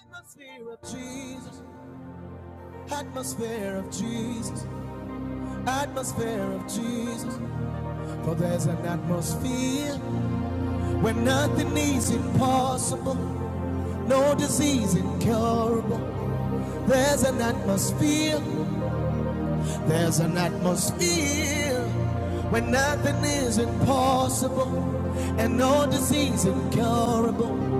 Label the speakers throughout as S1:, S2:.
S1: Atmosphere of Jesus, atmosphere of Jesus, atmosphere of Jesus. For there's an atmosphere where nothing is impossible, no disease incurable. There's an atmosphere There's an atmosphere where nothing is impossible and no disease incurable.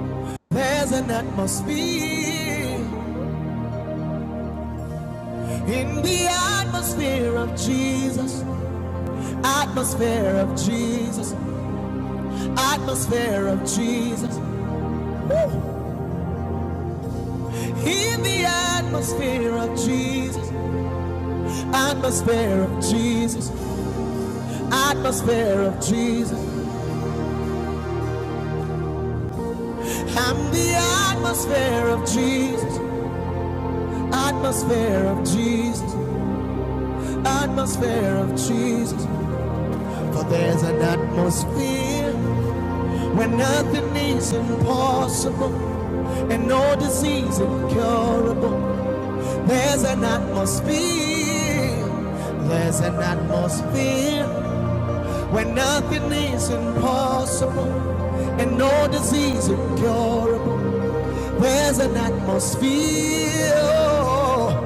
S1: There's an atmosphere in the atmosphere of Jesus, atmosphere of Jesus, atmosphere of Jesus, in the atmosphere of Jesus, atmosphere of Jesus, atmosphere of Jesus. I'm the atmosphere of Jesus. Atmosphere of Jesus, atmosphere of Jesus. For there's an atmosphere where nothing is impossible and no disease incurable. There's an atmosphere, there's an atmosphere where nothing is impossible and no disease incurable. There's an atmosphere.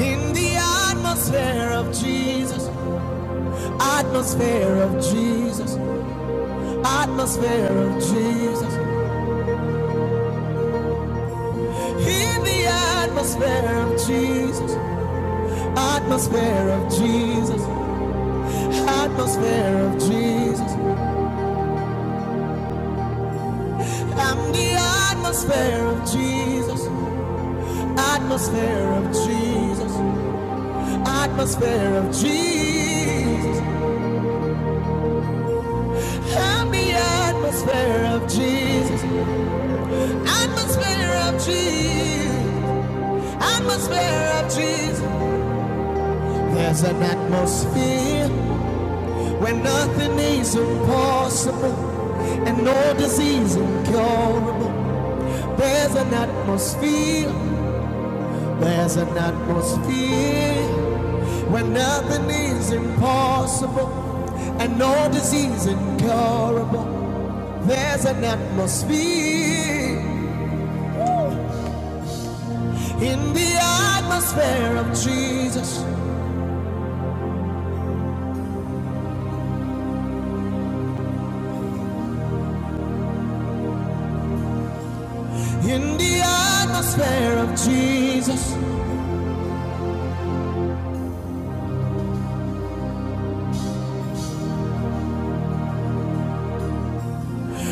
S1: In the atmosphere of Jesus, atmosphere of Jesus, atmosphere of Jesus. In the atmosphere of Jesus, atmosphere of Jesus, atmosphere of Jesus. I'm the atmosphere of Jesus, atmosphere of Jesus, atmosphere of Jesus. I'm the atmosphere of Jesus, atmosphere of Jesus. Atmosphere of trees. There's an atmosphere where nothing is impossible and no disease incurable. There's an atmosphere. There's an atmosphere where nothing is impossible and no disease incurable. There's an atmosphere in the atmosphere of Jesus. In the atmosphere of Jesus,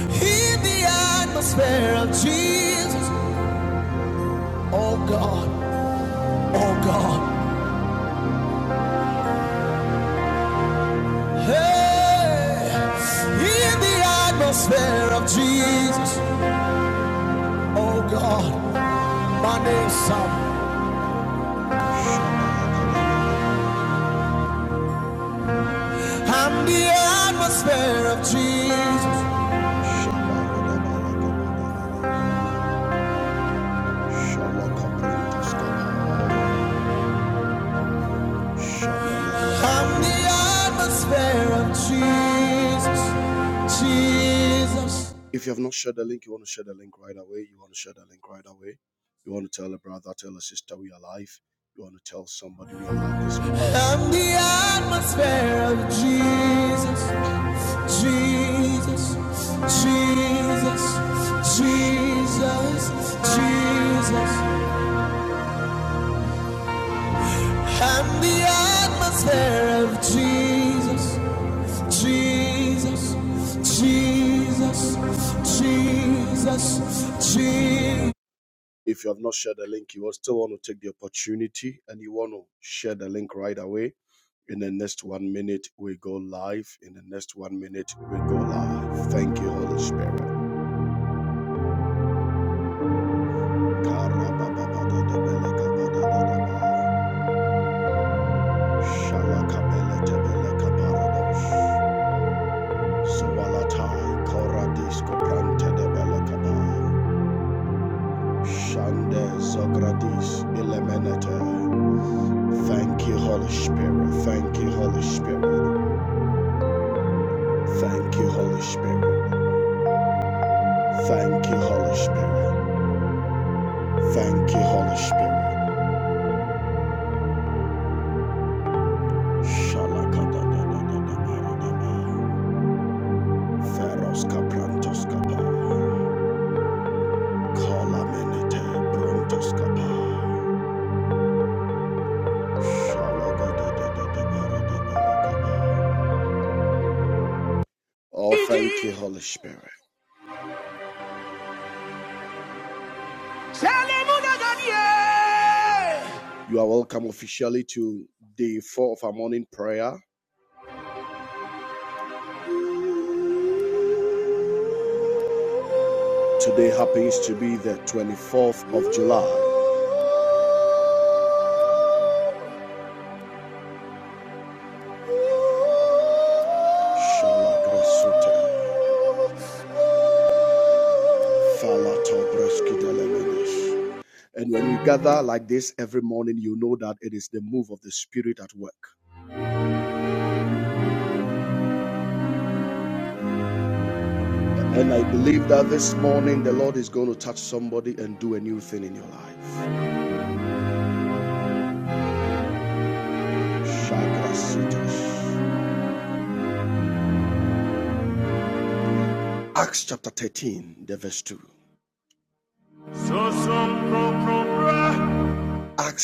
S1: in the atmosphere of Jesus, oh God, oh God, hey, in the atmosphere of Jesus, oh God, my name's Sam. I'm the atmosphere of Jesus. I'm the atmosphere of Jesus. Jesus. If you have not shared the link, you want to share the link right away. You want to share the link right away. You want to tell a brother, tell a sister we are alive. You want to tell somebody we are alive this morning. I'm the atmosphere of Jesus, Jesus, Jesus, Jesus, Jesus. I'm the atmosphere of Jesus. Jesus, Jesus, Jesus, Jesus. If you have not shared the link, you will still want to take the opportunity and you want to share the link right away. In the next one minute, we go live. In the next one minute, we go live. Thank you, Holy Spirit. Sawalatai, Koradis, Koprante, debele kabar. Shande Zogradis Ilemenete. Thank you, Holy Spirit. Thank you, Holy Spirit. Thank you, Holy Spirit. Thank you, Holy Spirit. Thank you, Holy Spirit. Shalakadadadadadadadadadaba. Feros kaprantos kapa. Kolamenete brontos kapa. Shalagadadadadadadadadadaba. Oh, thank you, Holy Spirit. You are welcome officially to day four of our morning prayer. Today happens to be the 24th of July. And when we gather like this every morning, you know that it is the move of the Spirit at work. And I believe that this morning the Lord is going to touch somebody and do a new thing in your life. Acts chapter 13, the verse 2. Acts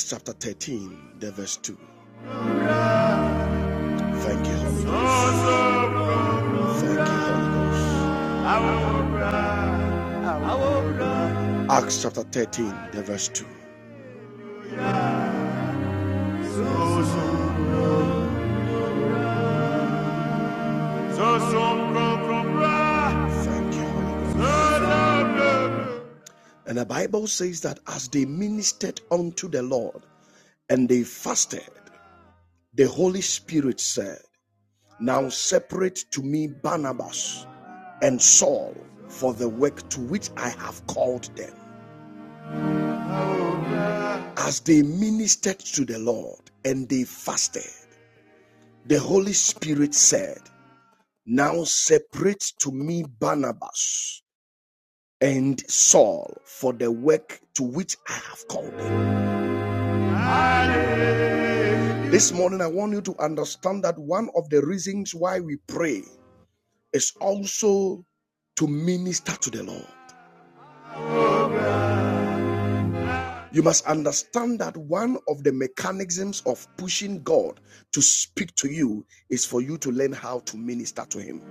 S1: chapter 13, the verse 2. Thank you, Holy Ghost. Thank you, Holy Ghost. Acts chapter 13, the verse 2. Thank you, Holy Ghost. And the Bible says that as they ministered unto the Lord and they fasted, the Holy Spirit said, Now separate to me Barnabas and Saul for the work to which I have called them. As they ministered to the Lord and they fasted, the Holy Spirit said, Now separate to me Barnabas and Saul for the work to which I have called them. This morning, I want you to understand that one of the reasons why we pray is also to minister to the Lord. You must understand that one of the mechanisms of pushing God to speak to you is for you to learn how to minister to Him.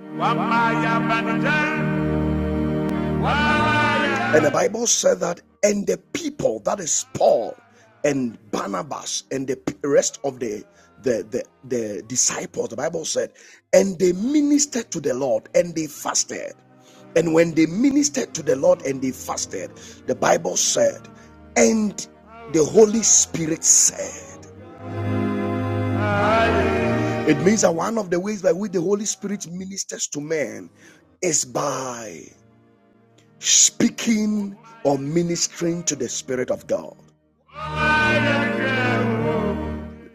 S1: And the Bible said that, and the people, that is Paul and Barnabas and the rest of the, the, the, the disciples, the Bible said, and they ministered to the Lord and they fasted. And when they ministered to the Lord and they fasted, the Bible said, and the Holy Spirit said, it means that one of the ways by which the Holy Spirit ministers to man is by speaking or ministering to the Spirit of God.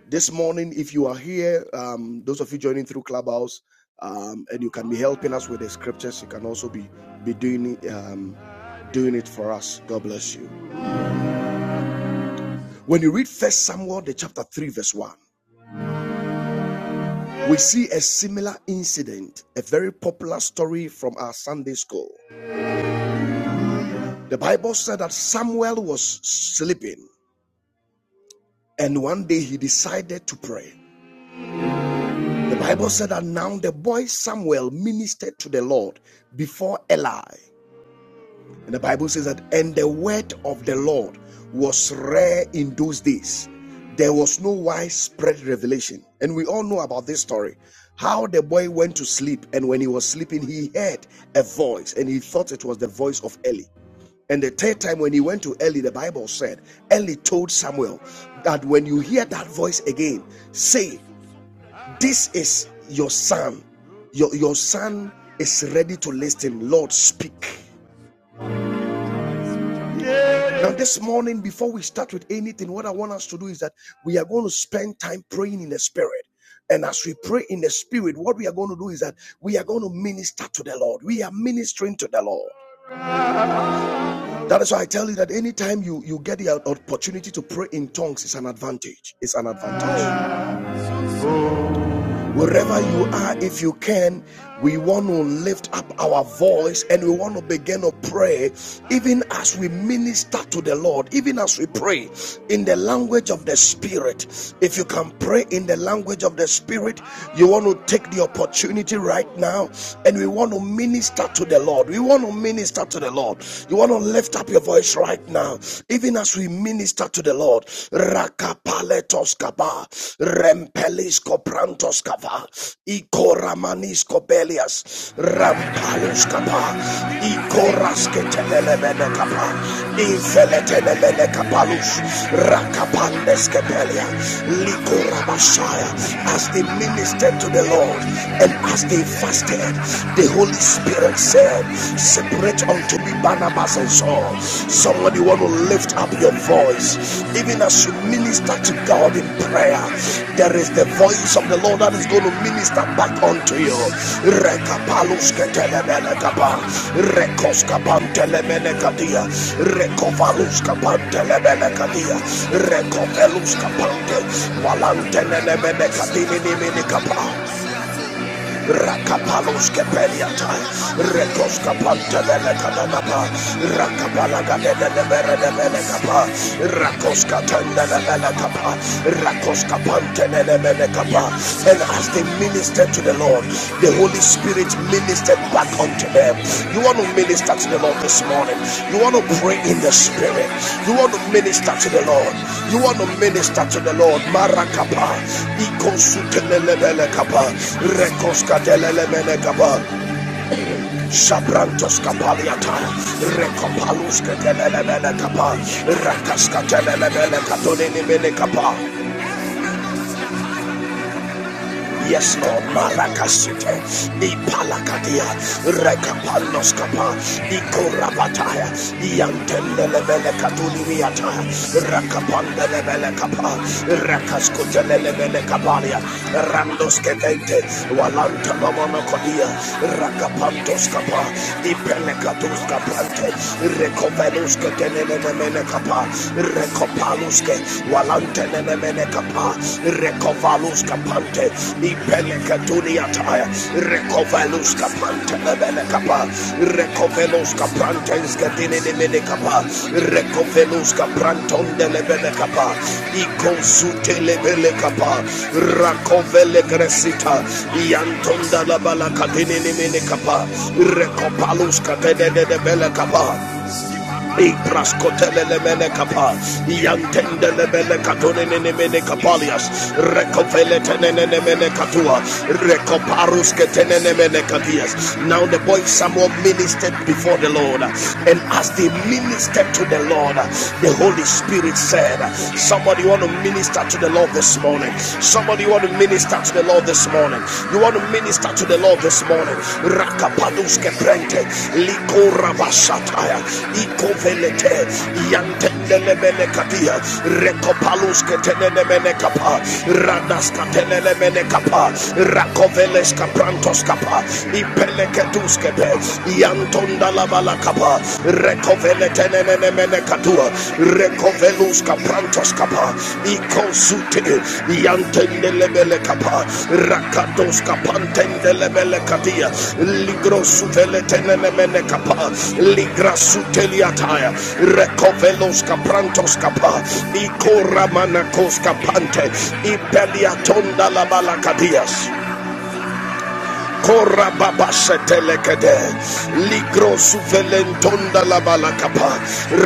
S1: This morning, if you are here, um, those of you joining through Clubhouse, um, and you can be helping us with the scriptures, you can also be be doing it, um, doing it for us. God bless you. When you read First Samuel, the chapter three, verse one, we see a similar incident, a very popular story from our Sunday school. The Bible said that Samuel was sleeping, and one day he decided to pray. The Bible said that now the boy Samuel ministered to the Lord before Eli. And the Bible says that, and the word of the Lord was rare in those days. There was no widespread revelation. And we all know about this story how the boy went to sleep. And when he was sleeping, he heard a voice and he thought it was the voice of Eli. And the third time when he went to Eli, the Bible said, Eli told Samuel that when you hear that voice again, say, this is your son. Your, your son is ready to listen. Lord, speak. Now, this morning, before we start with anything, what I want us to do is that we are going to spend time praying in the spirit. And as we pray in the spirit, what we are going to do is that we are going to minister to the Lord. We are ministering to the Lord. That is why I tell you that anytime you, you get the opportunity to pray in tongues, it's an advantage. It's an advantage. Wherever you are, if you can, we want to lift up our voice and we want to begin to pray, even as we minister to the Lord, even as we pray in the language of the Spirit. If you can pray in the language of the Spirit, you want to take the opportunity right now and we want to minister to the Lord. We want to minister to the Lord. You want to lift up your voice right now, even as we minister to the Lord the Lord. Rakapaletos kaba, rempelis koprantos kaba, ikoramanis kobelias, rampalus kaba, ikorasketebelebele kaba, infeletebelele kapalus, rakapandes kebelia, likorabashaya. As they ministered to the Lord and as they fasted, the Holy Spirit said, separate separate unto me Barnabas and Saul. Somebody want to lift up your voice, even as you minister to God in prayer. There is the voice of the Lord that is going to minister back unto you. Rekapaluskatelebelekapa, Rakapalos Kepeliata, Rekos Kapanta Lelekanaba, Rakapalaga Lelebere de Belekapa, Rakos Katanda Lelekapa, Rakos Kapanta Lelebelekapa. And as they ministered to the Lord, the Holy Spirit ministered back unto them. You want to minister to the Lord this morning. You want to pray in the Spirit. You want to minister to the Lord. You want to minister to the Lord. Marakapa, ikosutelelebelekapa, rekoskatelelebelekapa, shabrantoskapaliata, rekopaluskatelelebelekapa, rakaskatelelebelekatolelebelekapa. Yes, Lord, Marakasite, Ipalakatia, Rekapanoskapa, Ikorabataya, Yantelebele Katuliata, Rakapandele Kapa, Rakaskutele Kapalia, Randoskete, Walanta Mamonokodia, Rakapantoskapa, Ipelekatuskapante, Rekoveluskete Kapa, Rekopaluske, walante nene nemene kapa recovalus kapante ipele katunia taya recovalus kapante nemene kapa recovelus kapante. skatine nemene kapa recovelus kapranton de lebene kapa ikonsute lebele kapa rakovele gresita yantonda la bala katine nene kapa recopalus katene de bele kapa Igras kotelele mene kapa. Yantendele mene katone nene mene kapalias. Rekopele tenene nene mene katua. Rekoparus ketenene mene katias. Now the boy Samuel ministered before the Lord. And as they ministered to the Lord, the Holy Spirit said, Somebody want to minister to the Lord this morning. Somebody want to minister to the Lord this Lord this morning. You want to minister to the Lord this morning. Rakapadus keprente, liko rabashataya, iko velete, yantendelebele katia, rekopalus ketenemene kapa, radas katenemene kapa, rakoveles kaprantos kapa, ipeleketus kepe, yantondalabala rekovele tenene menemene katua rekovelus kaprantos kapa ikosute yantendelebele kapa rakatos kapantendelebele katia ligrosuveletenenemene kapa ligrasuteliataya rekovelos kaprantos kapa ikoramanakos kapante ipeliatondalabalakadias Kora baba Korababasetelekede, Ligro suvelentonda la balakapa,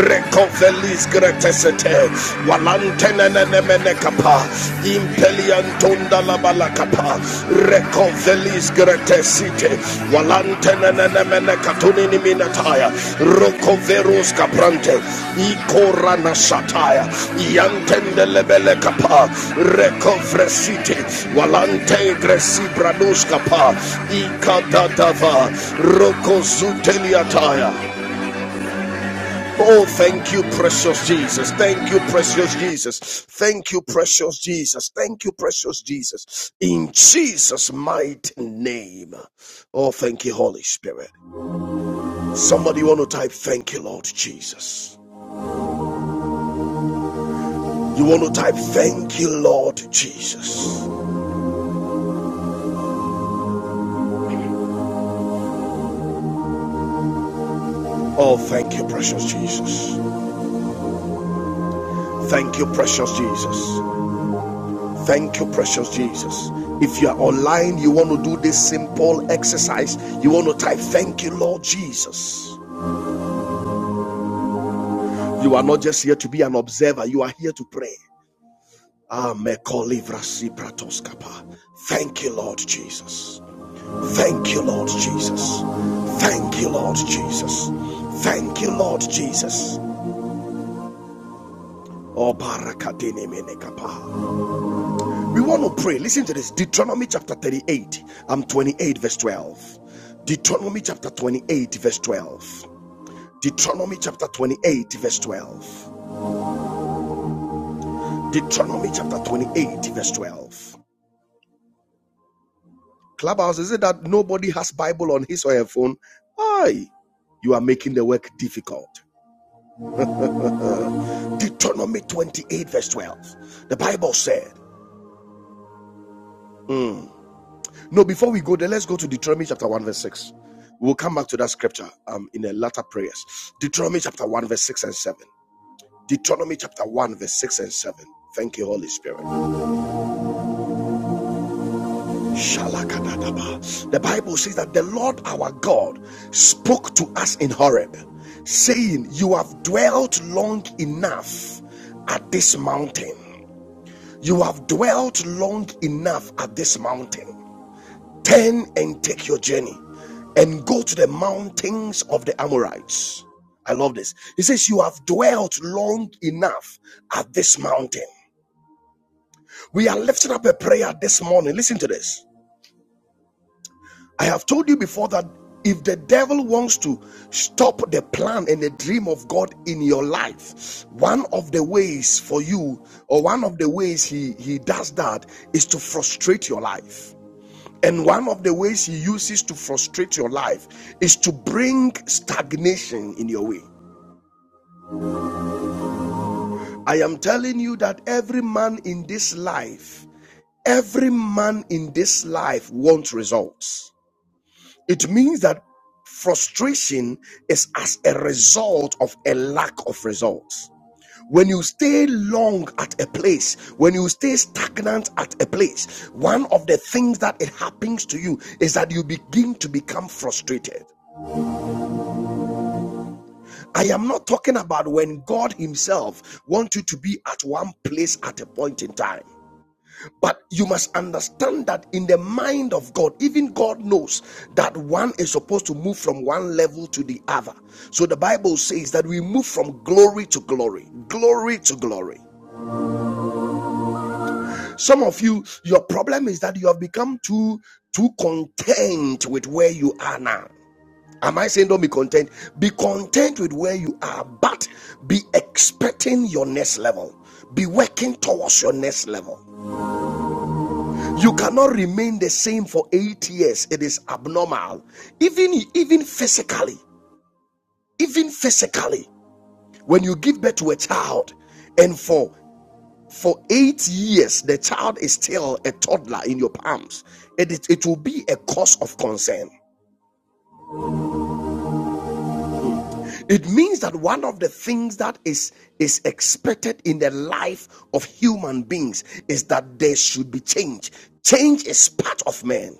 S1: Recovelis gretesete, Walantenenenemenekapa, Impeliantonda la balakapa, Recovelis gretesite, walantene Nenemene minataya rokoverus kaprante ikora na yantende lebele kapa rekovresite walante gresi branus kapa ikadadava rokozuteliataya Oh, thank you, precious Jesus. Thank you, precious Jesus. Thank you, precious Jesus. Thank you, precious Jesus. In Jesus' mighty name. Oh, thank you, Holy Spirit. Somebody want to type thank you, Lord Jesus. You want to type thank you, Lord Jesus. Oh, thank you, precious Jesus. Thank you, precious Jesus. Thank you, precious Jesus. If you are online, you want to do this simple exercise. You want to type thank you, Lord Jesus. You are not just here to be an observer, you are here to pray. Ah, me kolivrasi pratoskapa. Thank you, Lord Jesus. Thank you, Lord Jesus. Thank you, Lord Jesus. Thank you, Lord Jesus. Oh, barakadini menekapa. We want to pray. Listen to this Deuteronomy chapter 38, I'm 28, verse 12. Deuteronomy chapter 28, verse 12. Deuteronomy chapter 28, verse 12. Deuteronomy chapter 28, verse 12. Clubhouse, is it that nobody has Bible on his or her phone? Aye, you are making the work difficult. Deuteronomy 28, verse 12. The Bible said, No, before we go there, let's go to Deuteronomy chapter 1, verse 6. We'll come back to that scripture um, in the latter prayers. Deuteronomy chapter 1, verse 6 and 7. Deuteronomy chapter 1, verse 6 and 7. Thank you, Holy Spirit. Shalakadadaba. The Bible says that the Lord our God spoke to us in Horeb, saying, You have dwelt long enough at this mountain. You have dwelt long enough at this mountain. Turn and take your journey and go to the mountains of the Amorites. I love this. He says, You have dwelt long enough at this mountain. We are lifting up a prayer this morning. Listen to this. I have told you before that if the devil wants to stop the plan and the dream of God in your life, one of the ways for you, or one of the ways he, he does that, is to frustrate your life. And one of the ways he uses to frustrate your life is to bring stagnation in your way. I am telling you that every man in this life, every man in this life wants results. It means that frustration is as a result of a lack of results. When you stay long at a place, when you stay stagnant at a place, one of the things that it happens to you is that you begin to become frustrated. I am not talking about when God Himself wants you to be at one place at a point in time. But you must understand that in the mind of God, even God knows that one is supposed to move from one level to the other. So the Bible says that we move from glory to glory, glory to glory. Some of you, your problem is that you have become too too content with where you are now. Am I saying don't be content? Be content with where you are, but be expecting your next level. Be working towards your next level. You cannot remain the same for eight years. It is abnormal. Even, even physically, even physically, when you give birth to a child and for for eight years the child is still a toddler in your palms, it, it it will be a cause of concern. It means that one of the things that is, is expected in the life of human beings is that there should be change. Change is part of man.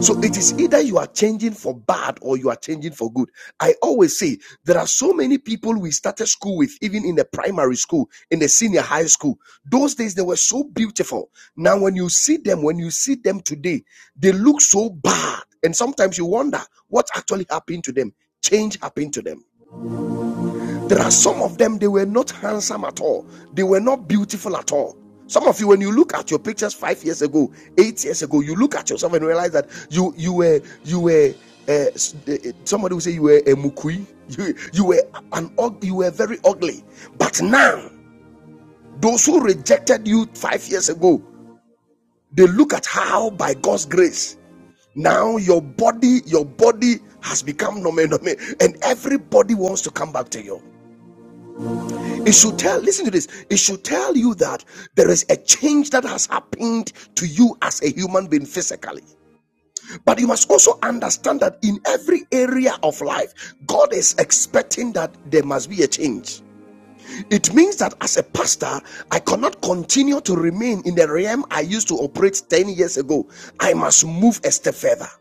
S1: So it is either you are changing for bad or you are changing for good. I always say there are so many people we started school with, even in the primary school, in the senior high school. Those days they were so beautiful. Now, when you see them, when you see them today, they look so bad. And sometimes you wonder what actually happened to them. Change happened to them. There are some of them, they were not handsome at all. They were not beautiful at all. Some of you, when you look at your pictures five years ago, eight years ago, you look at yourself and realize that you you were you were uh, uh, somebody will say you were a mukui, you you were an ug- you were very ugly. But now, those who rejected you five years ago, they look at how by God's grace now your body your body has become normal, normal, and everybody wants to come back to you. It should tell, listen to this. It should tell you that there is a change that has happened to you as a human being physically. But you must also understand that in every area of life, God is expecting that there must be a change. It means that as a pastor, I cannot continue to remain in the realm I used to operate 10 years ago. I must move a step further.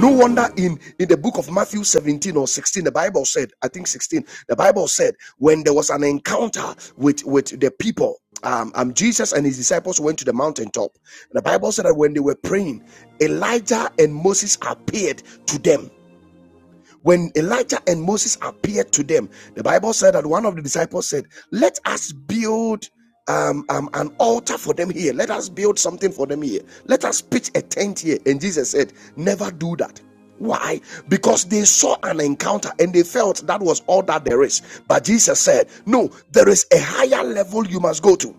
S1: No wonder in, in the book of Matthew 17 or 16, the Bible said, I think 16, the Bible said, when there was an encounter with, with the people, um, um, Jesus and his disciples went to the mountaintop. And the Bible said that when they were praying, Elijah and Moses appeared to them. When Elijah and Moses appeared to them, the Bible said that one of the disciples said, Let us build um, um, an altar for them here. Let us build something for them here. Let us pitch a tent here. And Jesus said, Never do that. Why? Because they saw an encounter and they felt that was all that there is. But Jesus said, No, there is a higher level you must go to.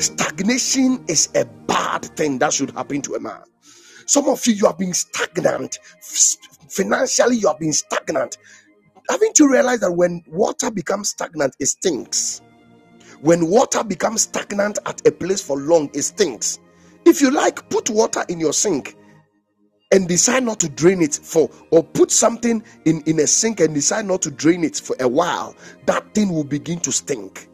S1: Stagnation is a bad thing that should happen to a man. Some of you, you have been stagnant. Financially, you have been stagnant. Haven't you realized that when water becomes stagnant, it stinks? When water becomes stagnant at a place for long, it stinks. If you like, put water in your sink and decide not to drain it for, or put something in, in a sink and decide not to drain it for a while, that thing will begin to stink.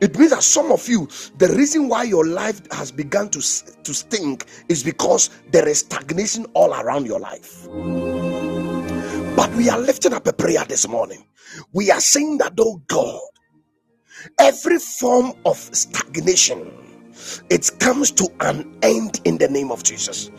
S1: It means that some of you, the reason why your life has begun to, to stink is because there is stagnation all around your life. But we are lifting up a prayer this morning. We are saying that, oh God. Every form of stagnation, it comes to an end in the name of Jesus.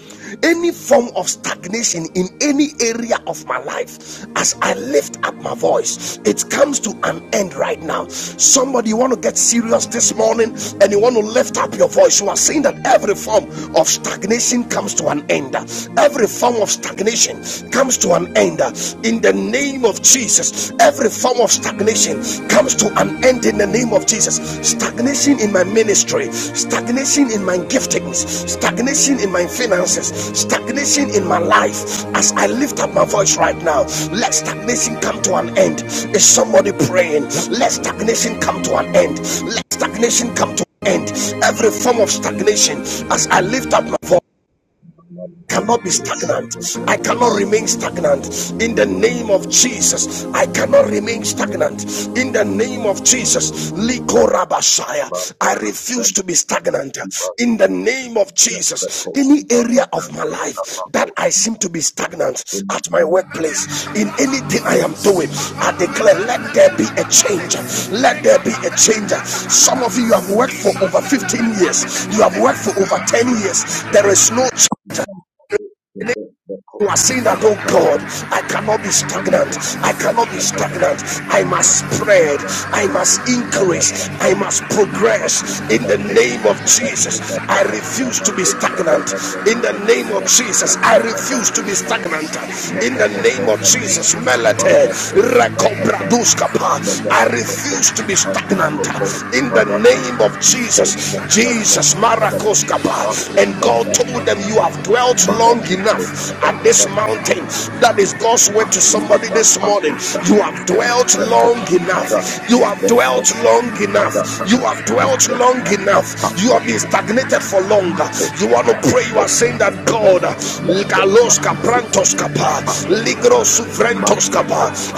S1: Any form of stagnation in any area of my life, as I lift up my voice, it comes to an end right now. Somebody, you want to get serious this morning and you want to lift up your voice. You are saying that every form of stagnation comes to an end. Every form of stagnation comes to an end in the name of Jesus. Jesus. Every form of stagnation comes to an end in the name of Jesus. Stagnation in my ministry, stagnation in my giftings, stagnation in my finances, stagnation in my life. As I lift up my voice right now, let stagnation come to an end. Is somebody praying? Let stagnation come to an end. Let stagnation come to an end. Every form of stagnation, as I lift up my voice cannot be stagnant. I cannot remain stagnant. In the name of Jesus, I cannot remain stagnant. In the name of Jesus, Likorabashaya, I refuse to be stagnant. In the name of Jesus, any area of my life that I seem to be stagnant at my workplace, in anything I am doing,
S2: Barata
S1: I declare, let there be a change. Let there be a change. Some of you have worked for over 15 years, you have worked for over 10 years. There is no change you are saying that, oh God, I cannot be
S2: Thank
S1: stagnant. I cannot be stagnant. I must spread. I must increase. I must progress in the name of Jesus. I refuse to be stagnant. In the name of Jesus, I refuse to be stagnant. In the name of Jesus, Melete, Rekobraduskapa. I refuse to be stagnant. In the name of Jesus, Jesus, Maracos and God told them, You have dwelt long enough at this mountain. That is God's word to somebody this morning. You have dwelt long enough. You have dwelt long enough. You have dwelt long enough. You have been stagnated for longer. You want to pray, you are saying that God, Galos Kaprantos Kapa, Ligro Suvrentos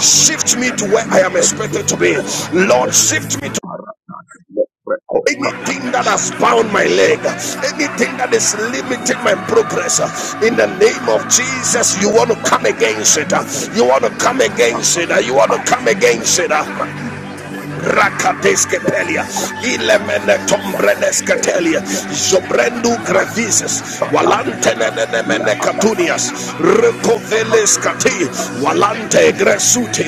S1: shift me to where I am expected to be. Lord, shift me to Anything that has bound my leg, anything that is limiting my progress, uh, in the name of Jesus, you want to come against it. uh, You want to come against it. uh, You want to come against it rakadeske pelia ilemene tombreneske telia jobrendu grevises walantenenemene katunias rekoveleskati walante gresuti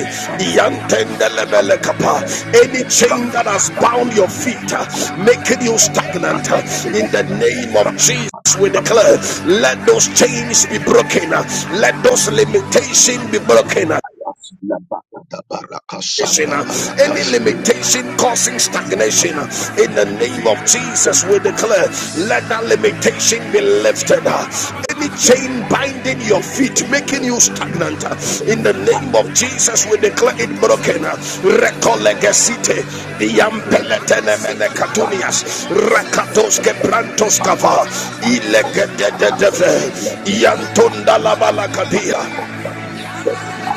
S1: iantendelebele kapa any chain that has bound your feet uh, making you stagnant uh, in the name of Jesus we
S2: Thank
S1: declare
S2: you.
S1: let those chains be broken uh, let those limitations be broken uh,
S2: Labakata baraka sanda
S1: uh,
S2: barata.
S1: any limitation causing stagnation
S2: Labakata
S1: uh, in the name of Jesus we declare let that limitation be lifted uh, any chain binding your feet making you stagnant uh, in the name of Jesus we declare it broken uh, Recolegacite, diampeletenemenekatunias, rakatos keprantos kava, ilegededeve iantunda la iantondalabalakadia,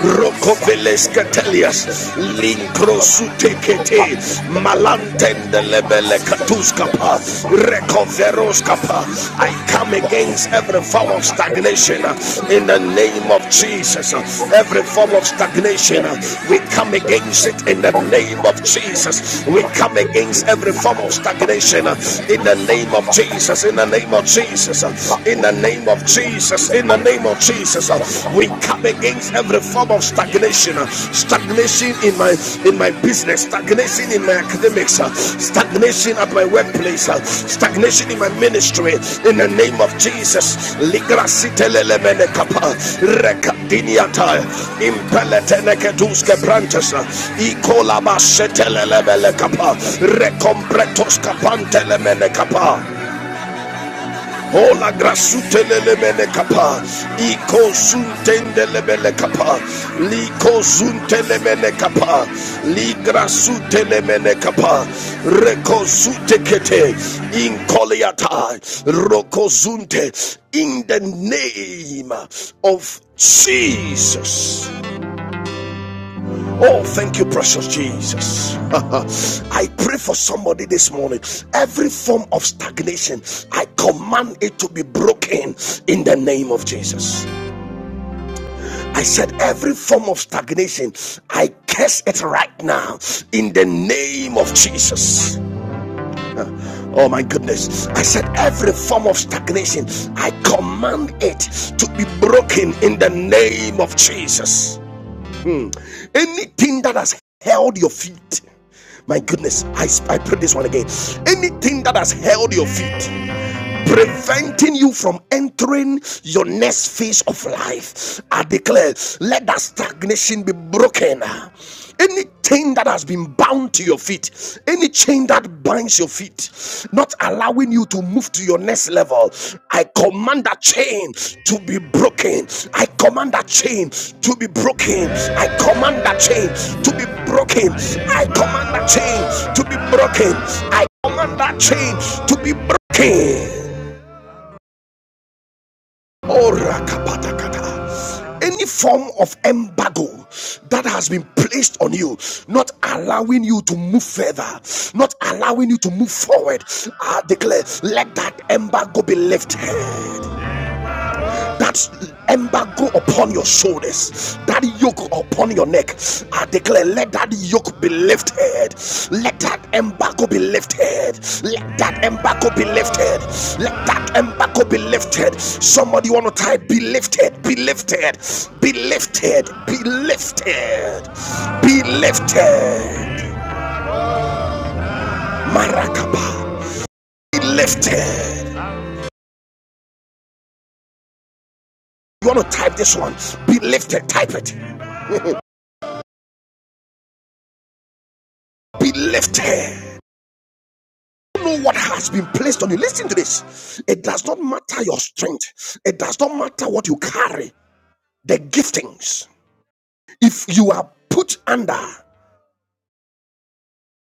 S1: Rokoveles Catelias,
S2: Thank you. Let
S1: Linkrosutekete, Malantende Lebele Katuskapa, Recoveroskapa. I come against every form of stagnation uh, in the name of Jesus. uh, Every form of stagnation, uh, we come against it in the name of Jesus. We come against every form of stagnation uh, in the name of Jesus. In the name of Jesus. uh, In the name of Jesus. Jesus, in the name of Jesus, uh, we come against every form of stagnation, uh, stagnation in my in my business, stagnation in my academics, uh, stagnation at my workplace, uh, stagnation in my ministry. In the name of Jesus, Ligrasitelele kapa rekadiniata impeletenekeduske brantes ikola masetelele kapa rekompretos kapantele mene kapa. Ola grasute lelebele kapa. Iko suntende lebele kapa. Liko sunte lebele kapa. Ligra sute lebele kapa. Reko sute kete. Inkoliata. Roko zunte. In the name of Jesus. Oh, thank you, precious Jesus. I pray for somebody this morning. Every form of stagnation, I command it to be broken in the name of Jesus. I said, every form of stagnation, I curse it right now in the name of Jesus. Oh my goodness. I said, every form of stagnation, I command it to be broken in the name of Jesus. Mm. Anything that has held your feet, my goodness, I, I pray this one again. Anything that has held your feet, preventing you from entering your next phase of life. I declare, let that stagnation be broken. Any chain that has been bound to your feet, any chain that binds your feet, not allowing you to move to your next level, I command that chain to be broken. I command that chain to be broken. I command that chain to be broken. I command that chain to be broken. I command that chain to be broken. Orakapatakata. Any form of embargo that has been placed on you, not allowing you to move further, not allowing you to move forward, I declare, let that embargo be lifted that embargo upon your shoulders, that yoke upon your neck. I declare, let that yoke be lifted. Let that embargo be lifted. Let that embargo be lifted. Let that embargo be lifted. Somebody want to type, be lifted, be lifted, be lifted, be lifted, be lifted. Marakaba, be lifted. You want to type this one? Be lifted, type it. be lifted. know what has been placed on you. Listen to this. It does not matter your strength, it does not matter what you carry, the giftings. If you are put under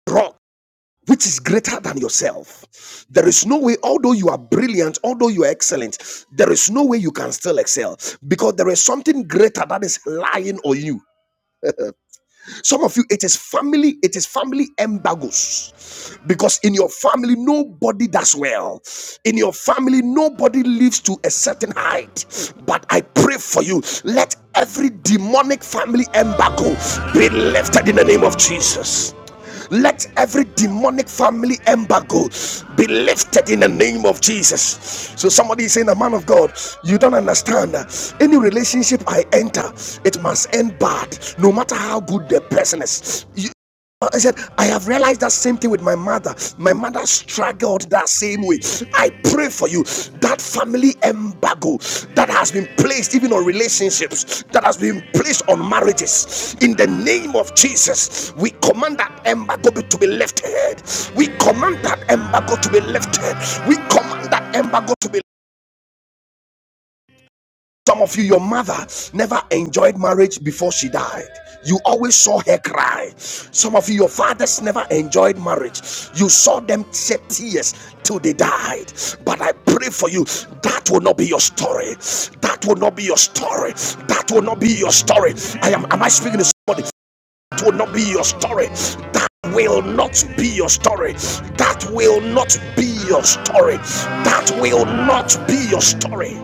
S1: rock, which is greater than yourself, there is no way, although you are brilliant, although you are excellent, there is no way you can still excel because there is something greater that is lying on you. Some of you, it is family, it is family embargoes. Because in your family, nobody does well. In your family, nobody lives to a certain height. But I pray for you. Let every demonic family embargo be lifted in the name of Jesus. Let every demonic family embargo be lifted in the name of Jesus. So somebody is saying, "The man of God, you don't understand. Any relationship I enter, it must end bad, no matter how good the person is. I said, I have realized that same thing with my mother. My mother struggled that same way. I pray for you that family embargo that has been placed even on relationships, that has been placed on marriages. In the name of Jesus, we command that embargo to be lifted. We command that embargo to be lifted. We command that embargo to be some of you, your mother never enjoyed marriage before she died. You always saw her cry. Some of you, your fathers never enjoyed marriage. You saw them shed tears till they died. But I pray for you, that will not be your story. That will not be your story. That will not be your story. I am am I speaking to somebody? That will not be your story. That will not be your story. That will not be your story. That will not be your story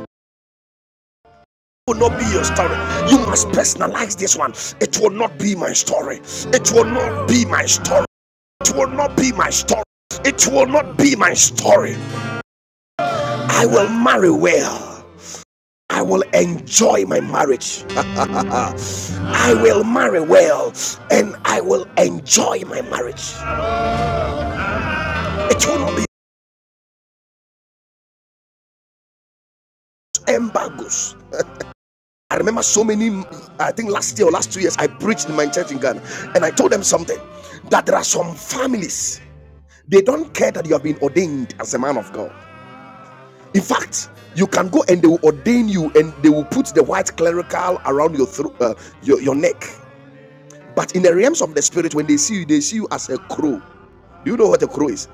S1: will not be your story. You must personalize this one. It will not be my story. It will not be my story. It will not be my story. It will not be my story. I will marry well. I will enjoy my marriage. I will marry well and I will enjoy my marriage. It will not be embargoes. I remember so many, I think last year or last two years, I preached in my church in Ghana and I told them something that there are some families They don't care that you have been ordained as a man of God. In fact, you can go and they will ordain you and they will put the white clerical around your, thro- uh, your, your neck. But in the realms of the spirit, when they see you, they see you as a crow. Do you know what a crow is?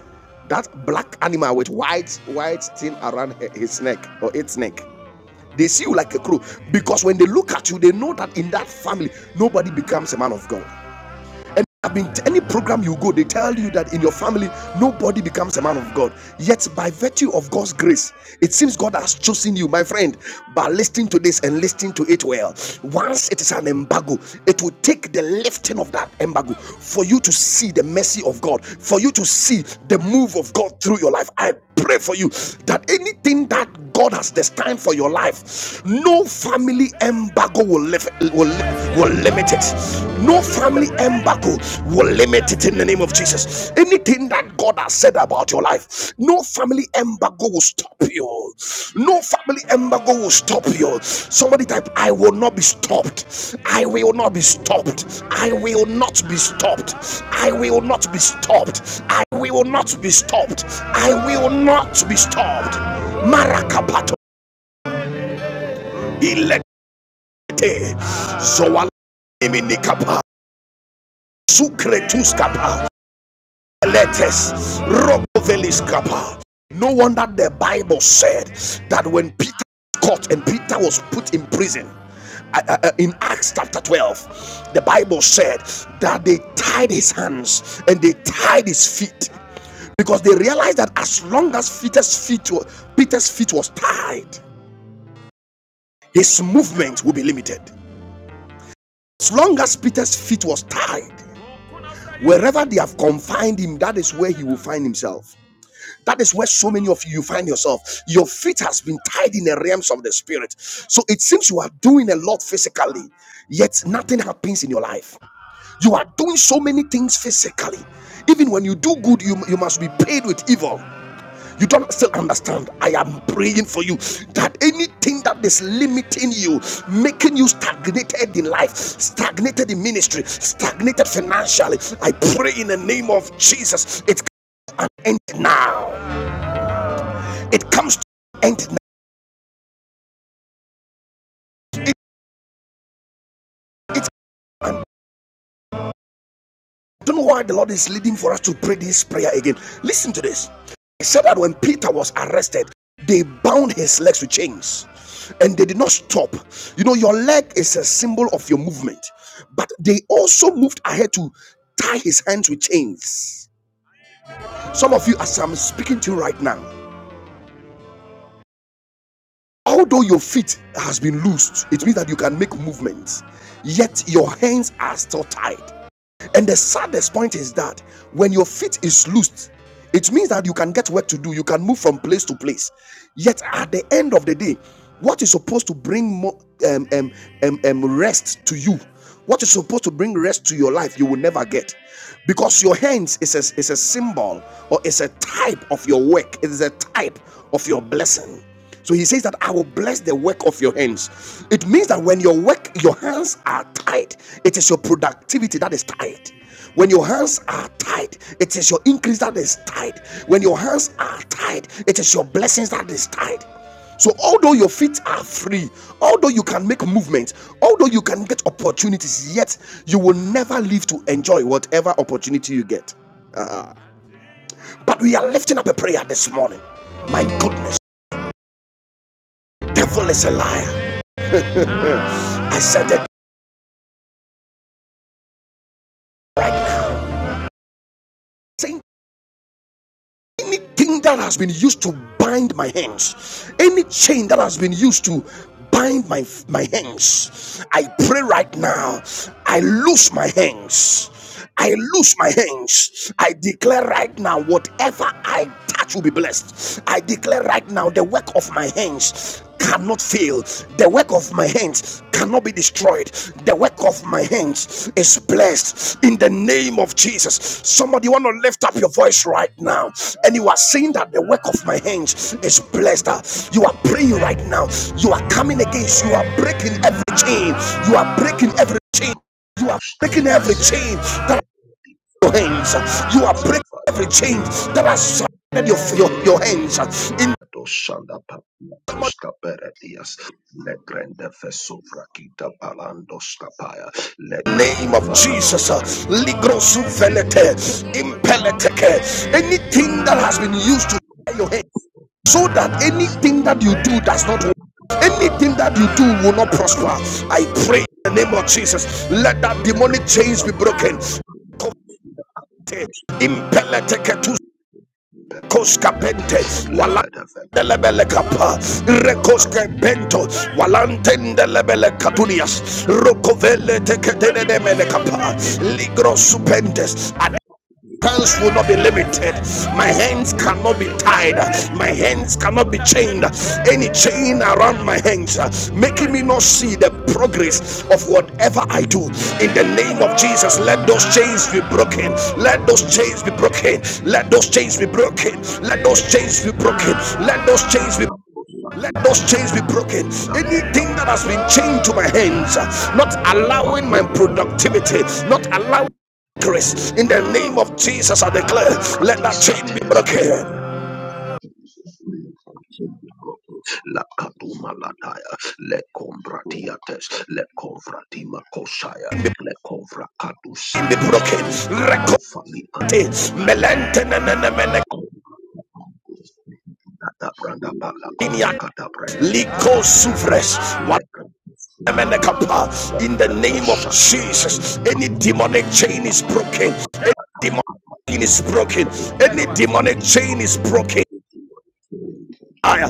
S1: That black animal with white white thing around his neck or its neck. They see you like a crow because when they look at you, they know that in that family, nobody becomes a man of God. And I've been to any program you go, they tell you that in your family nobody becomes a man of God. Yet by virtue of God's grace, it seems God has chosen you, my friend. By listening to this and listening to it well, once it is an embargo, it will take the lifting of that embargo for you to see the mercy of God, for you to see the move of God through your life. I pray for you that anything that God has destined for your life, no family embargo will live will, will limit it no family embargo will limit it in the name of jesus anything that god has said about your life no family embargo will stop you no family embargo will stop you somebody type i will not be stopped i will not be stopped i will not be stopped i will not be stopped i will not be stopped i will not be stopped marakapato ilete zoala Emi nikapa. Sukretuskapa. Letters. Rokoveliskapa. No wonder the Bible said that when Peter was caught and Peter was put in prison, uh, uh, uh, in Acts chapter 12, the Bible said that they tied his hands and they tied his feet because they realized that as long as Peter's feet were, Peter's feet was tied, his movement would be limited. As long as Peter's feet was tied, Wherever they have confined him, that is where he will find himself. That is where so many of you find yourself. Your feet has been tied in the realms of the spirit. So it seems you are doing a lot physically, yet nothing happens in your life. You are doing so many things physically. Even when you do good, you, you must be paid with evil. You don't still understand. I am praying for you that anything that is limiting you, making you stagnated in life, stagnated in ministry, stagnated financially, I pray in the name of Jesus, it can end now. It comes to end now. It, it don't know why the Lord is leading for us to pray this prayer again. Listen to this. He said that when Peter was arrested, they bound his legs with chains and they did not stop. You know, your leg is a symbol of your movement, but they also moved ahead to tie his hands with chains. Some of you, as I'm speaking to you right now, although your feet has been loosed, it means that you can make movements, yet your hands are still tied. And the saddest point is that when your feet is loosed, it means that you can get work to do, you can move from place to place. Yet at the end of the day, what is supposed to bring more um, um, um, um, rest to you, what is supposed to bring rest to your life, you will never get. Because your hands is a, is a symbol or is a type of your work, it is a type of your blessing. So he says that I will bless the work of your hands. It means that when your work, your hands are tied, it is your productivity that is tied. When your hands are tied, it is your increase that is tied. When your hands are tied, it is your blessings that is tied. So, although your feet are free, although you can make movement, although you can get opportunities, yet you will never live to enjoy whatever opportunity you get. But we are lifting up a prayer this morning. My goodness, devil is a liar. I said the Right saying anything that has been used to bind my hands, any chain that has been used to bind my my hands, I pray right now. I loose my hands. I loose my hands. I declare right now, whatever I touch will be blessed. I declare right now, the work of my hands. Not fail. The work of my hands cannot be destroyed. The work of my hands is blessed in the name of Jesus. Somebody want to lift up your voice right now, and you are saying that the work of my hands is blessed. Uh, You are praying right now. You are coming against. You are breaking every chain. You are breaking every chain. You are breaking every chain that are your hands. You are breaking
S2: the
S1: every chain that has surrounded your, your, your hands. In
S2: Doshanda Papiatos Caperetias, Le Grande Fesovra Kita Palandos Capaya, Le
S1: name
S2: Cati
S1: of
S2: Varaco
S1: Jesus. uh,
S2: Friend,
S1: Ligrosu velete, Anything that has been used to your head, so that anything that you do does not work, anything that you do will not
S2: Gada
S1: prosper. I pray in the name of Jesus. Let that demonic chains be broken. Impeleteke koskapente
S2: Le
S1: wala
S2: Gada Vena
S1: Delebele kapa, rekoske bento, walantende lebele katunias, rokovele teketele demele kapa, ligro supentes, hands will not be limited my hands cannot be
S2: Paratea,
S1: tied
S2: Le
S1: my hands cannot be chained any chain around my hands uh, making me not see the progress of whatever i do in the name of jesus let those chains be broken let those chains be broken let those chains be broken let those chains be broken let those chains be let those chains be broken.
S2: Santa Branda
S1: Anything that has been chained to my hands, not allowing my productivity, not allowing grace. In the name of Jesus, I declare, let that chain be
S2: Bratis
S1: broken.
S2: La katuma lataya, le kombratiates, le kovratima koshaya, le kovra
S1: Chain be
S2: kadusete,
S1: broken.
S2: mi
S1: Record
S2: prakofali anta
S1: it.
S2: le kombrata branda bala kofa kata me kopakiata, le le
S1: In the name of
S2: prekosha.
S1: Jesus, any demonic chain is broken. Demonic chain is broken.
S2: The
S1: Any
S2: demon
S1: demonic
S2: is
S1: chain is broken.
S2: broken.
S3: week.
S1: Aya,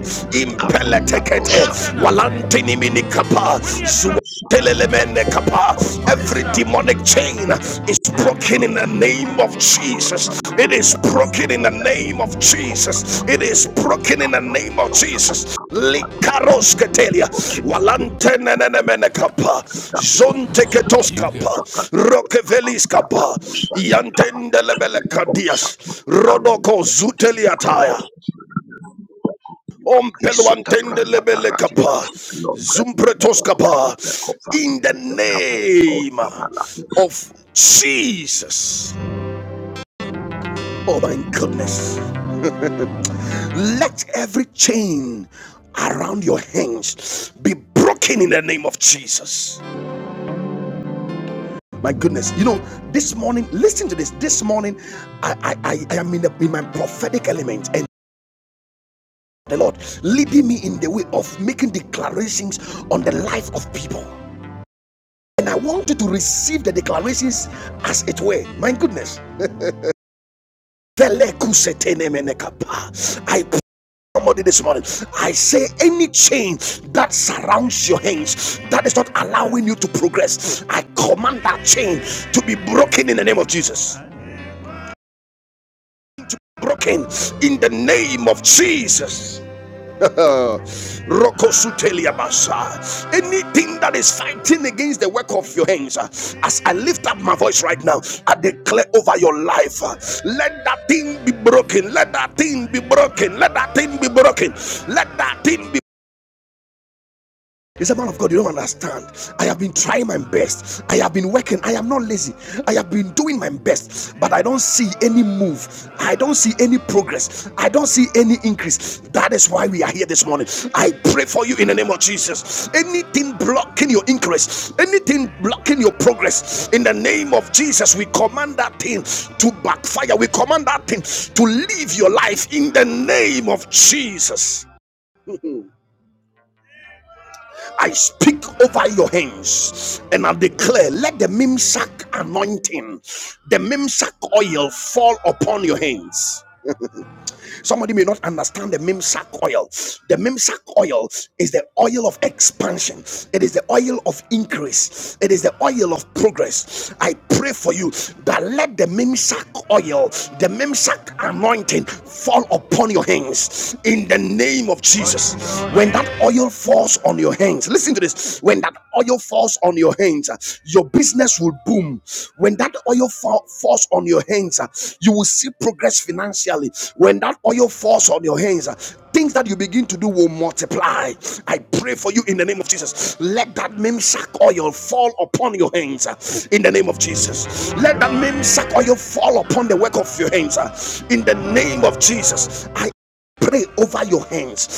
S2: Katunda
S1: impeletekete
S2: brosa.
S1: walantini mini kapa zuwatelemene kapa every demonic chain is broken in the name of Jesus it is broken in the name of Jesus it is broken in the name of Jesus likaros ketelia walantene mene kapa zonte You go. kapa rokevelis kapa yantendelebele kadias rodoko zuteliataya Om
S2: Isuta
S1: peluantende
S2: branda
S1: lebele
S2: parati.
S1: kapa,
S2: Lord,
S1: Ompeluantendelebelekapa, kapa, In the name of Jesus. Oh my goodness. Let every chain around your hands be broken in the name of Jesus. My goodness. You know, this morning, listen to this. This morning, I, I, I I am in, the, in my prophetic element and the Lord leading me in the way of making declarations on the life of people. And I want you to receive the declarations as it were. My goodness. Velekusetenemenekapa. I pray somebody this morning. I say any chain that surrounds your hands that is not allowing you to progress. I command that chain to be broken in the name of Jesus. Broken in the name of Jesus. Rokosutelia basa. Anything that is fighting against the work of your hands, uh, as I lift up my voice right now, I declare over your life, uh, let that thing be broken, let that thing be broken, let that thing be broken, let that thing be he said, Man of God, you don't understand. I have been trying my best. I have been working. I am not lazy. I have been doing my best, but I don't see any move. I don't see any progress. I don't see any increase. That is why we are here this morning. I pray for you in the name of Jesus. Anything blocking your increase, anything blocking your progress, in the name of Jesus, we command that thing to backfire. We command that thing to leave your life in the name of Jesus. I speak over your hands and I declare, let the Mimsak anointing, the Mimsak oil fall upon your hands. Somebody may not understand the Mimsak oil. The Mimsak oil is the oil of expansion, it is the oil of increase, it is the oil of progress. I pray for you that let the Mimsak oil, the Mimsak anointing fall upon your hands in the name of Jesus. When that oil falls on your hands, listen to this. When that oil falls on your hands, hands, uh, your business will boom. When that oil fall, falls on your hands, uh, you will see progress financially. When that oil falls on your hands, uh, things that you begin to do will multiply. I pray for you in the name of Jesus. Let that memsack oil fall upon your hands uh, in the name of Jesus. Let that memsack oil fall upon the work of your hands uh, in the name of Jesus. I pray over your hands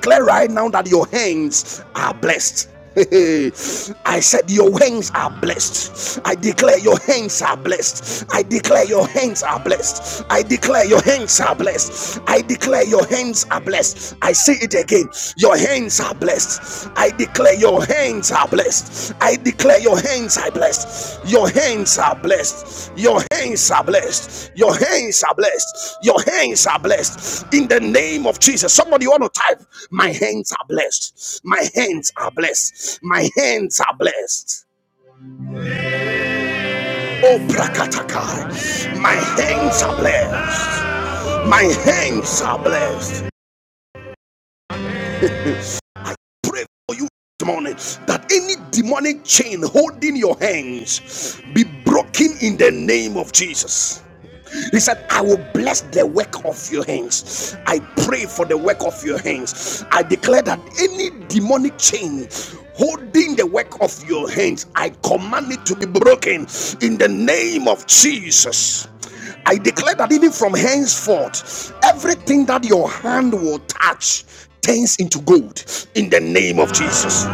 S1: declare right now that your hands are blessed. I said, Your hands are blessed. I declare your hands are blessed. I declare your hands are blessed. I declare your hands are blessed. I declare your hands are blessed. I say it again. Your hands are blessed. I declare declare your hands are blessed. I declare your hands are blessed. Your hands are blessed. Your hands are blessed. Your hands are blessed. Your hands are blessed. In the name of Jesus. Somebody want to type, My hands are blessed. My hands are blessed. My hands are blessed. Oh, Prakatakai. My hands are blessed. My hands are blessed. pray for you this morning that any demonic chain holding your hands be broken in the name of Jesus. He said, I will bless the work of your hands. I pray for the work of your hands. I declare that any demonic chain holding the work of your hands, I command it to be broken in the name of Jesus. I declare that even from henceforth, everything that your hand will touch turns into gold in the name of Jesus.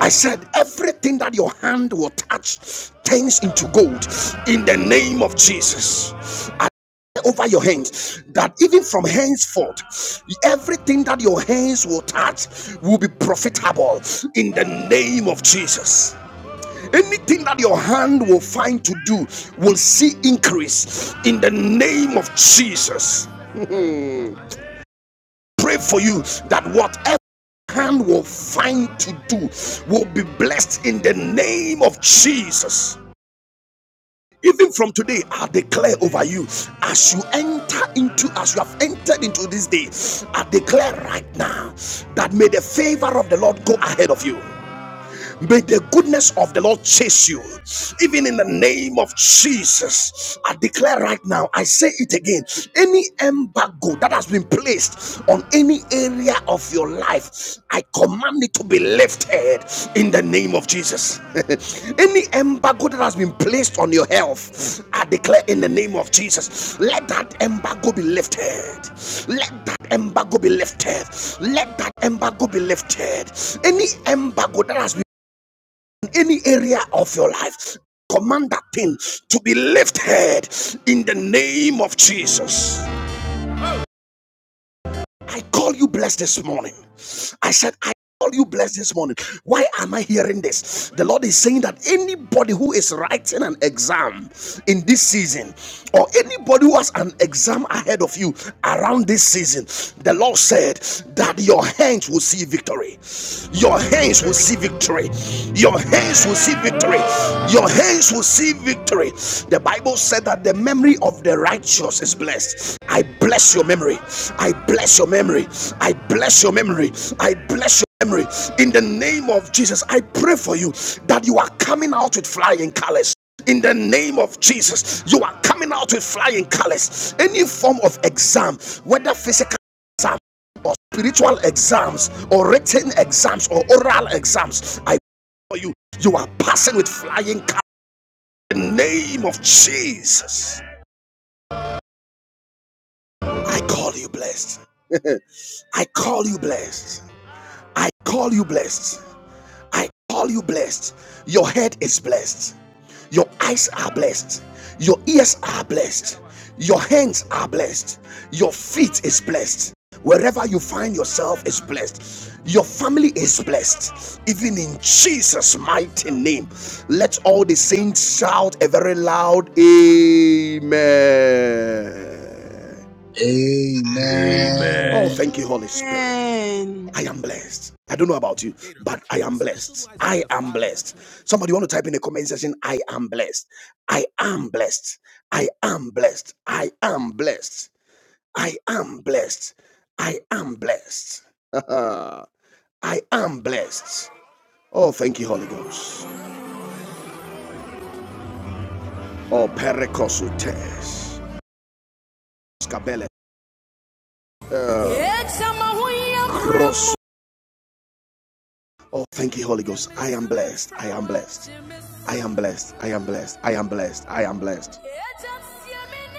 S1: I said, everything that your hand will touch turns into gold in the name of Jesus. I Over your hands, that even from henceforth, everything that your hands will touch will be profitable in the name of Jesus. Anything that your hand will find to do will see increase in the name of Jesus pray for you that whatever hand will find to do will be blessed in the name of Jesus. Even from today, I declare over you as you enter into, as you have entered into this day, I declare right now that may the favor of the Lord go ahead of you. May the goodness of the Lord chase you. Even in the name of Jesus, I declare right now, I say it again any embargo that has been placed on any area of your life, I command it to be lifted in the name of Jesus. any embargo that has been placed on your health, I declare in the name of Jesus, let that embargo be lifted. Let that embargo be lifted. Let that embargo be lifted. Any embargo that has been any area of your life, command that thing to be lifted in the name of Jesus. I call you blessed this morning. I said, I call you blessed this morning. Why am I hearing this? The Lord is saying that anybody who is writing an exam in this season, or anybody who has an exam ahead of you around this season, the Lord said that your hands will see victory. Your hands hands will see victory. Your hands will see victory. Your hands will see victory. The Bible said that the memory of the righteous is blessed. I bless your memory. I bless your memory. I bless your memory. I bless your memory. In the name of Jesus, I pray for you that you are coming out with flying colors. In the name of Jesus, you are coming out with flying colors. Any form of exam, whether physical, or spiritual exams or written exams or oral exams, I for you, you are passing with flying colors. In the name of Jesus, I call you blessed. I call you blessed. I call you blessed. I call you blessed. Your head is blessed. Your eyes are blessed. Your ears are blessed. Your hands are blessed. Your feet is blessed. Wherever you find yourself is blessed. Your family is blessed. Even in Jesus' mighty name. Let all the saints shout a very loud Amen.
S4: Amen.
S1: Oh,
S5: Amen.
S1: thank you, Holy
S6: Amen.
S1: Spirit. I am blessed. I don't know about you, but I am blessed. I am blessed. Somebody want to type in the comment section, I am blessed. I am blessed. I am blessed. I am blessed. I am blessed. I am blessed. I am blessed. Oh, thank you, Holy Ghost. Oh, perekosutes. Skabele. Bros. Oh, thank you, Holy Ghost. I am blessed. I am blessed. I am blessed. I am blessed. I am blessed. I am blessed.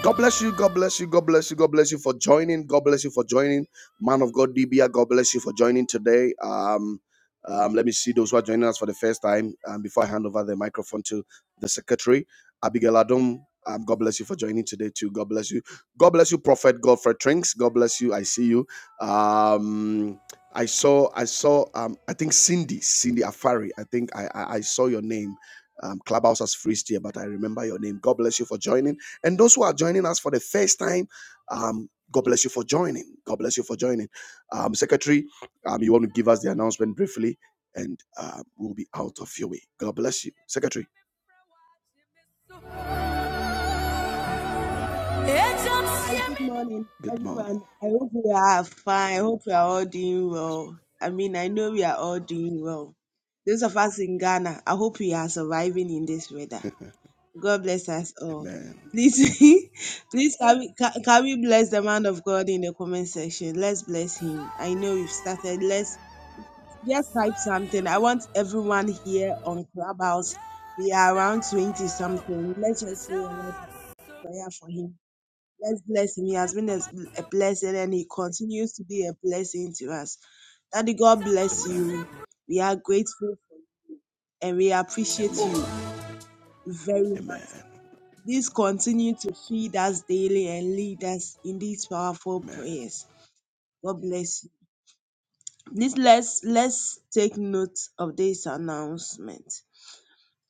S1: God bless you. God bless you. God bless you. God bless you for joining. God bless you for joining. Man of God, Dibia, God bless you for joining today. Um, um, let me see those who are joining us for the first time. Um, before I hand over the microphone to the secretary, Abigail Adom, um, God bless you for joining today too. God bless you. God bless you, Prophet Godfred Trinks. God bless you. I see you. Um, I saw, I saw, um, I think Cindy, Cindy Afari. I think I, I, I saw your name. Um, Clubhouse has freezed here, but I remember your name. God bless you for joining. And those who are joining us for the first time, um, God bless you for joining. God bless you for joining. Um, Secretary, um, you want to give us the announcement briefly, and uh, we'll be out of your way. God bless you, Secretary.
S6: Hi, good morning,
S1: Good morning.
S6: everyone. I hope we are fine. I hope we are all doing well. I mean, I know we are all doing well. Those of us in Ghana, I hope we are surviving in this weather. God bless us all.
S1: Amen.
S6: Please, please can we, can, can we bless the man of God in the comment section? Let's bless him. I know we've started. Let's just type something. I want everyone here on Clubhouse. We are around 20 something. Let's just say a word prayer for him. Let's bless him. He has been a a blessing and he continues to be a blessing to us. Daddy, God bless you. We are grateful for you and we appreciate you
S1: Amen.
S6: very much. Please continue to feed us daily and lead us in these powerful prayers. God bless you. Please let's let's take note of this announcement.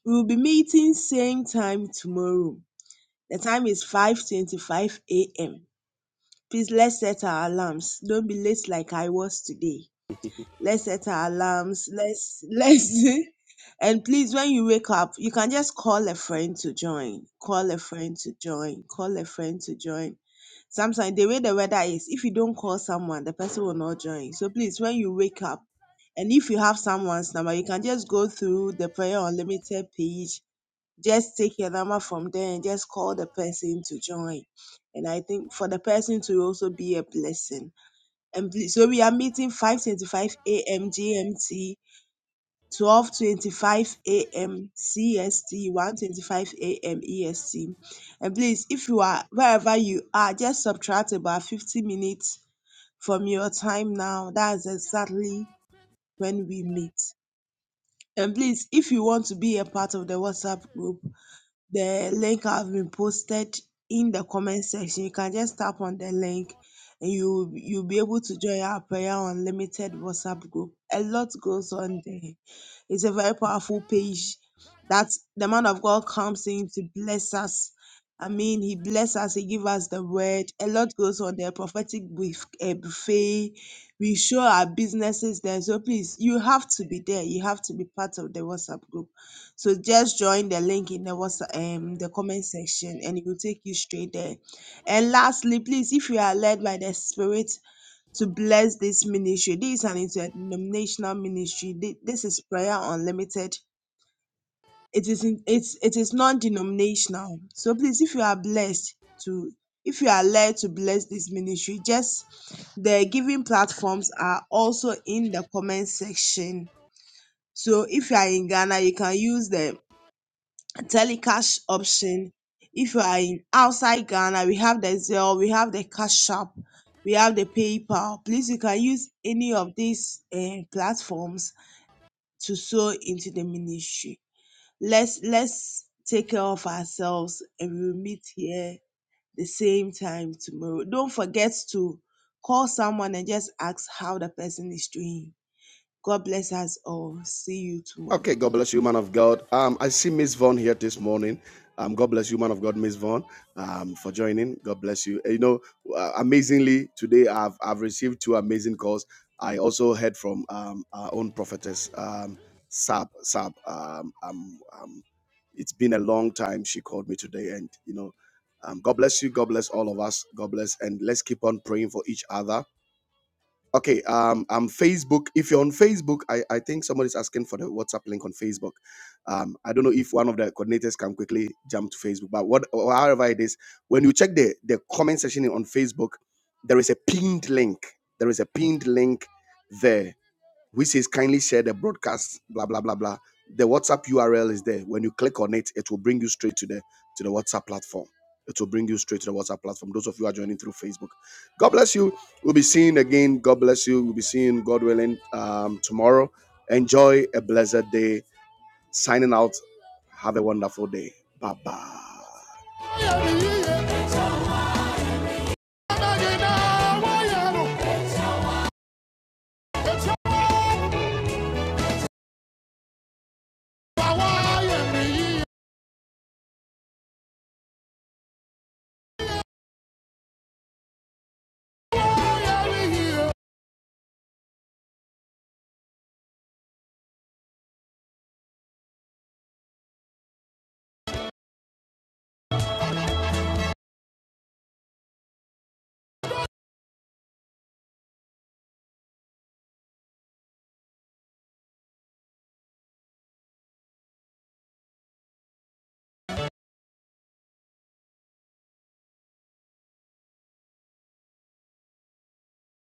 S6: We will be meeting same time tomorrow. The time is 5:25 a.m. Please let's set our alarms. Don't be late like I was today. Let's set our alarms. Let's let's and please when you wake up, you can just call a friend to join. Call a friend to join. Call a friend to join. Sometimes the way the weather is, if you don't call someone, the person will not join. So please when you wake up and if you have someone's number, you can just go through the Prayer Unlimited page just take your number from there and just call the person to join. And I think for the person to also be a blessing. And please, so we are meeting 5:25 a.m. GMT, 12:25 a.m. CST, 1:25 a.m. EST. And please, if you are wherever you are, just subtract about 50 minutes from your time now. That is exactly when we meet. And please, if you want to be a part of the WhatsApp group, the link have been posted in the comment section. You can just tap on the link and you you'll be able to join our prayer unlimited WhatsApp group. A lot goes on there. It's a very powerful page that the man of God comes in to bless us. I mean, he bless us. He give us the word. A lot goes on there. Prophetic buf- eh, buffet. We show our businesses there. So please, you have to be there. You have to be part of the WhatsApp group. So just join the link in the what's um the comment section and it will take you straight there. And lastly, please, if you are led by the Spirit to bless this ministry, this is an interdenominational ministry. Thi- This is prayer unlimited. It is in, it's it is non-denominational. So please, if you are blessed to if you are led to bless this ministry, just the giving platforms are also in the comment section. So if you are in Ghana, you can use them telecash option. If you are in outside Ghana, we have the Zelle, we have the Cash App, we have the PayPal. Please, you can use any of these eh, platforms to sow into the ministry. Let's let's take care of ourselves, and we'll meet here the same time tomorrow. Don't forget to call someone and just ask how the person is doing. God bless us all. See you tomorrow.
S1: Okay, God bless you, man of God. Um, I see Miss Vaughn here this morning. Um, God bless you, man of God, Miss Vaughn, um, for joining. God bless you. Eh, You know, uh, amazingly, today I've I've received two amazing calls. I also heard from um, our own prophetess, um, Sab Sab. Um, um, um, it's been a long time. She called me today, and you know, um, God bless you. God bless all of us. God bless, and let's keep on praying for each other Okay, um, um, Facebook. If you're on Facebook, I, I think somebody's asking for the WhatsApp link on Facebook. Um, I don't know if one of the coordinators can quickly jump to Facebook, but what, or however it is, when you check the the comment section on Facebook, there is a pinned link. There is a pinned link there which says kindly share the broadcast, blah blah blah blah. The WhatsApp URL is there. When you click on it, it will bring you straight to the to the WhatsApp platform. It will bring you straight to the WhatsApp platform. Those of you who are joining through Facebook, God bless you. We'll be seeing again. God bless you. We'll be seeing God willing um, tomorrow. Enjoy a blessed day. Signing out. Have a wonderful day. Bye bye.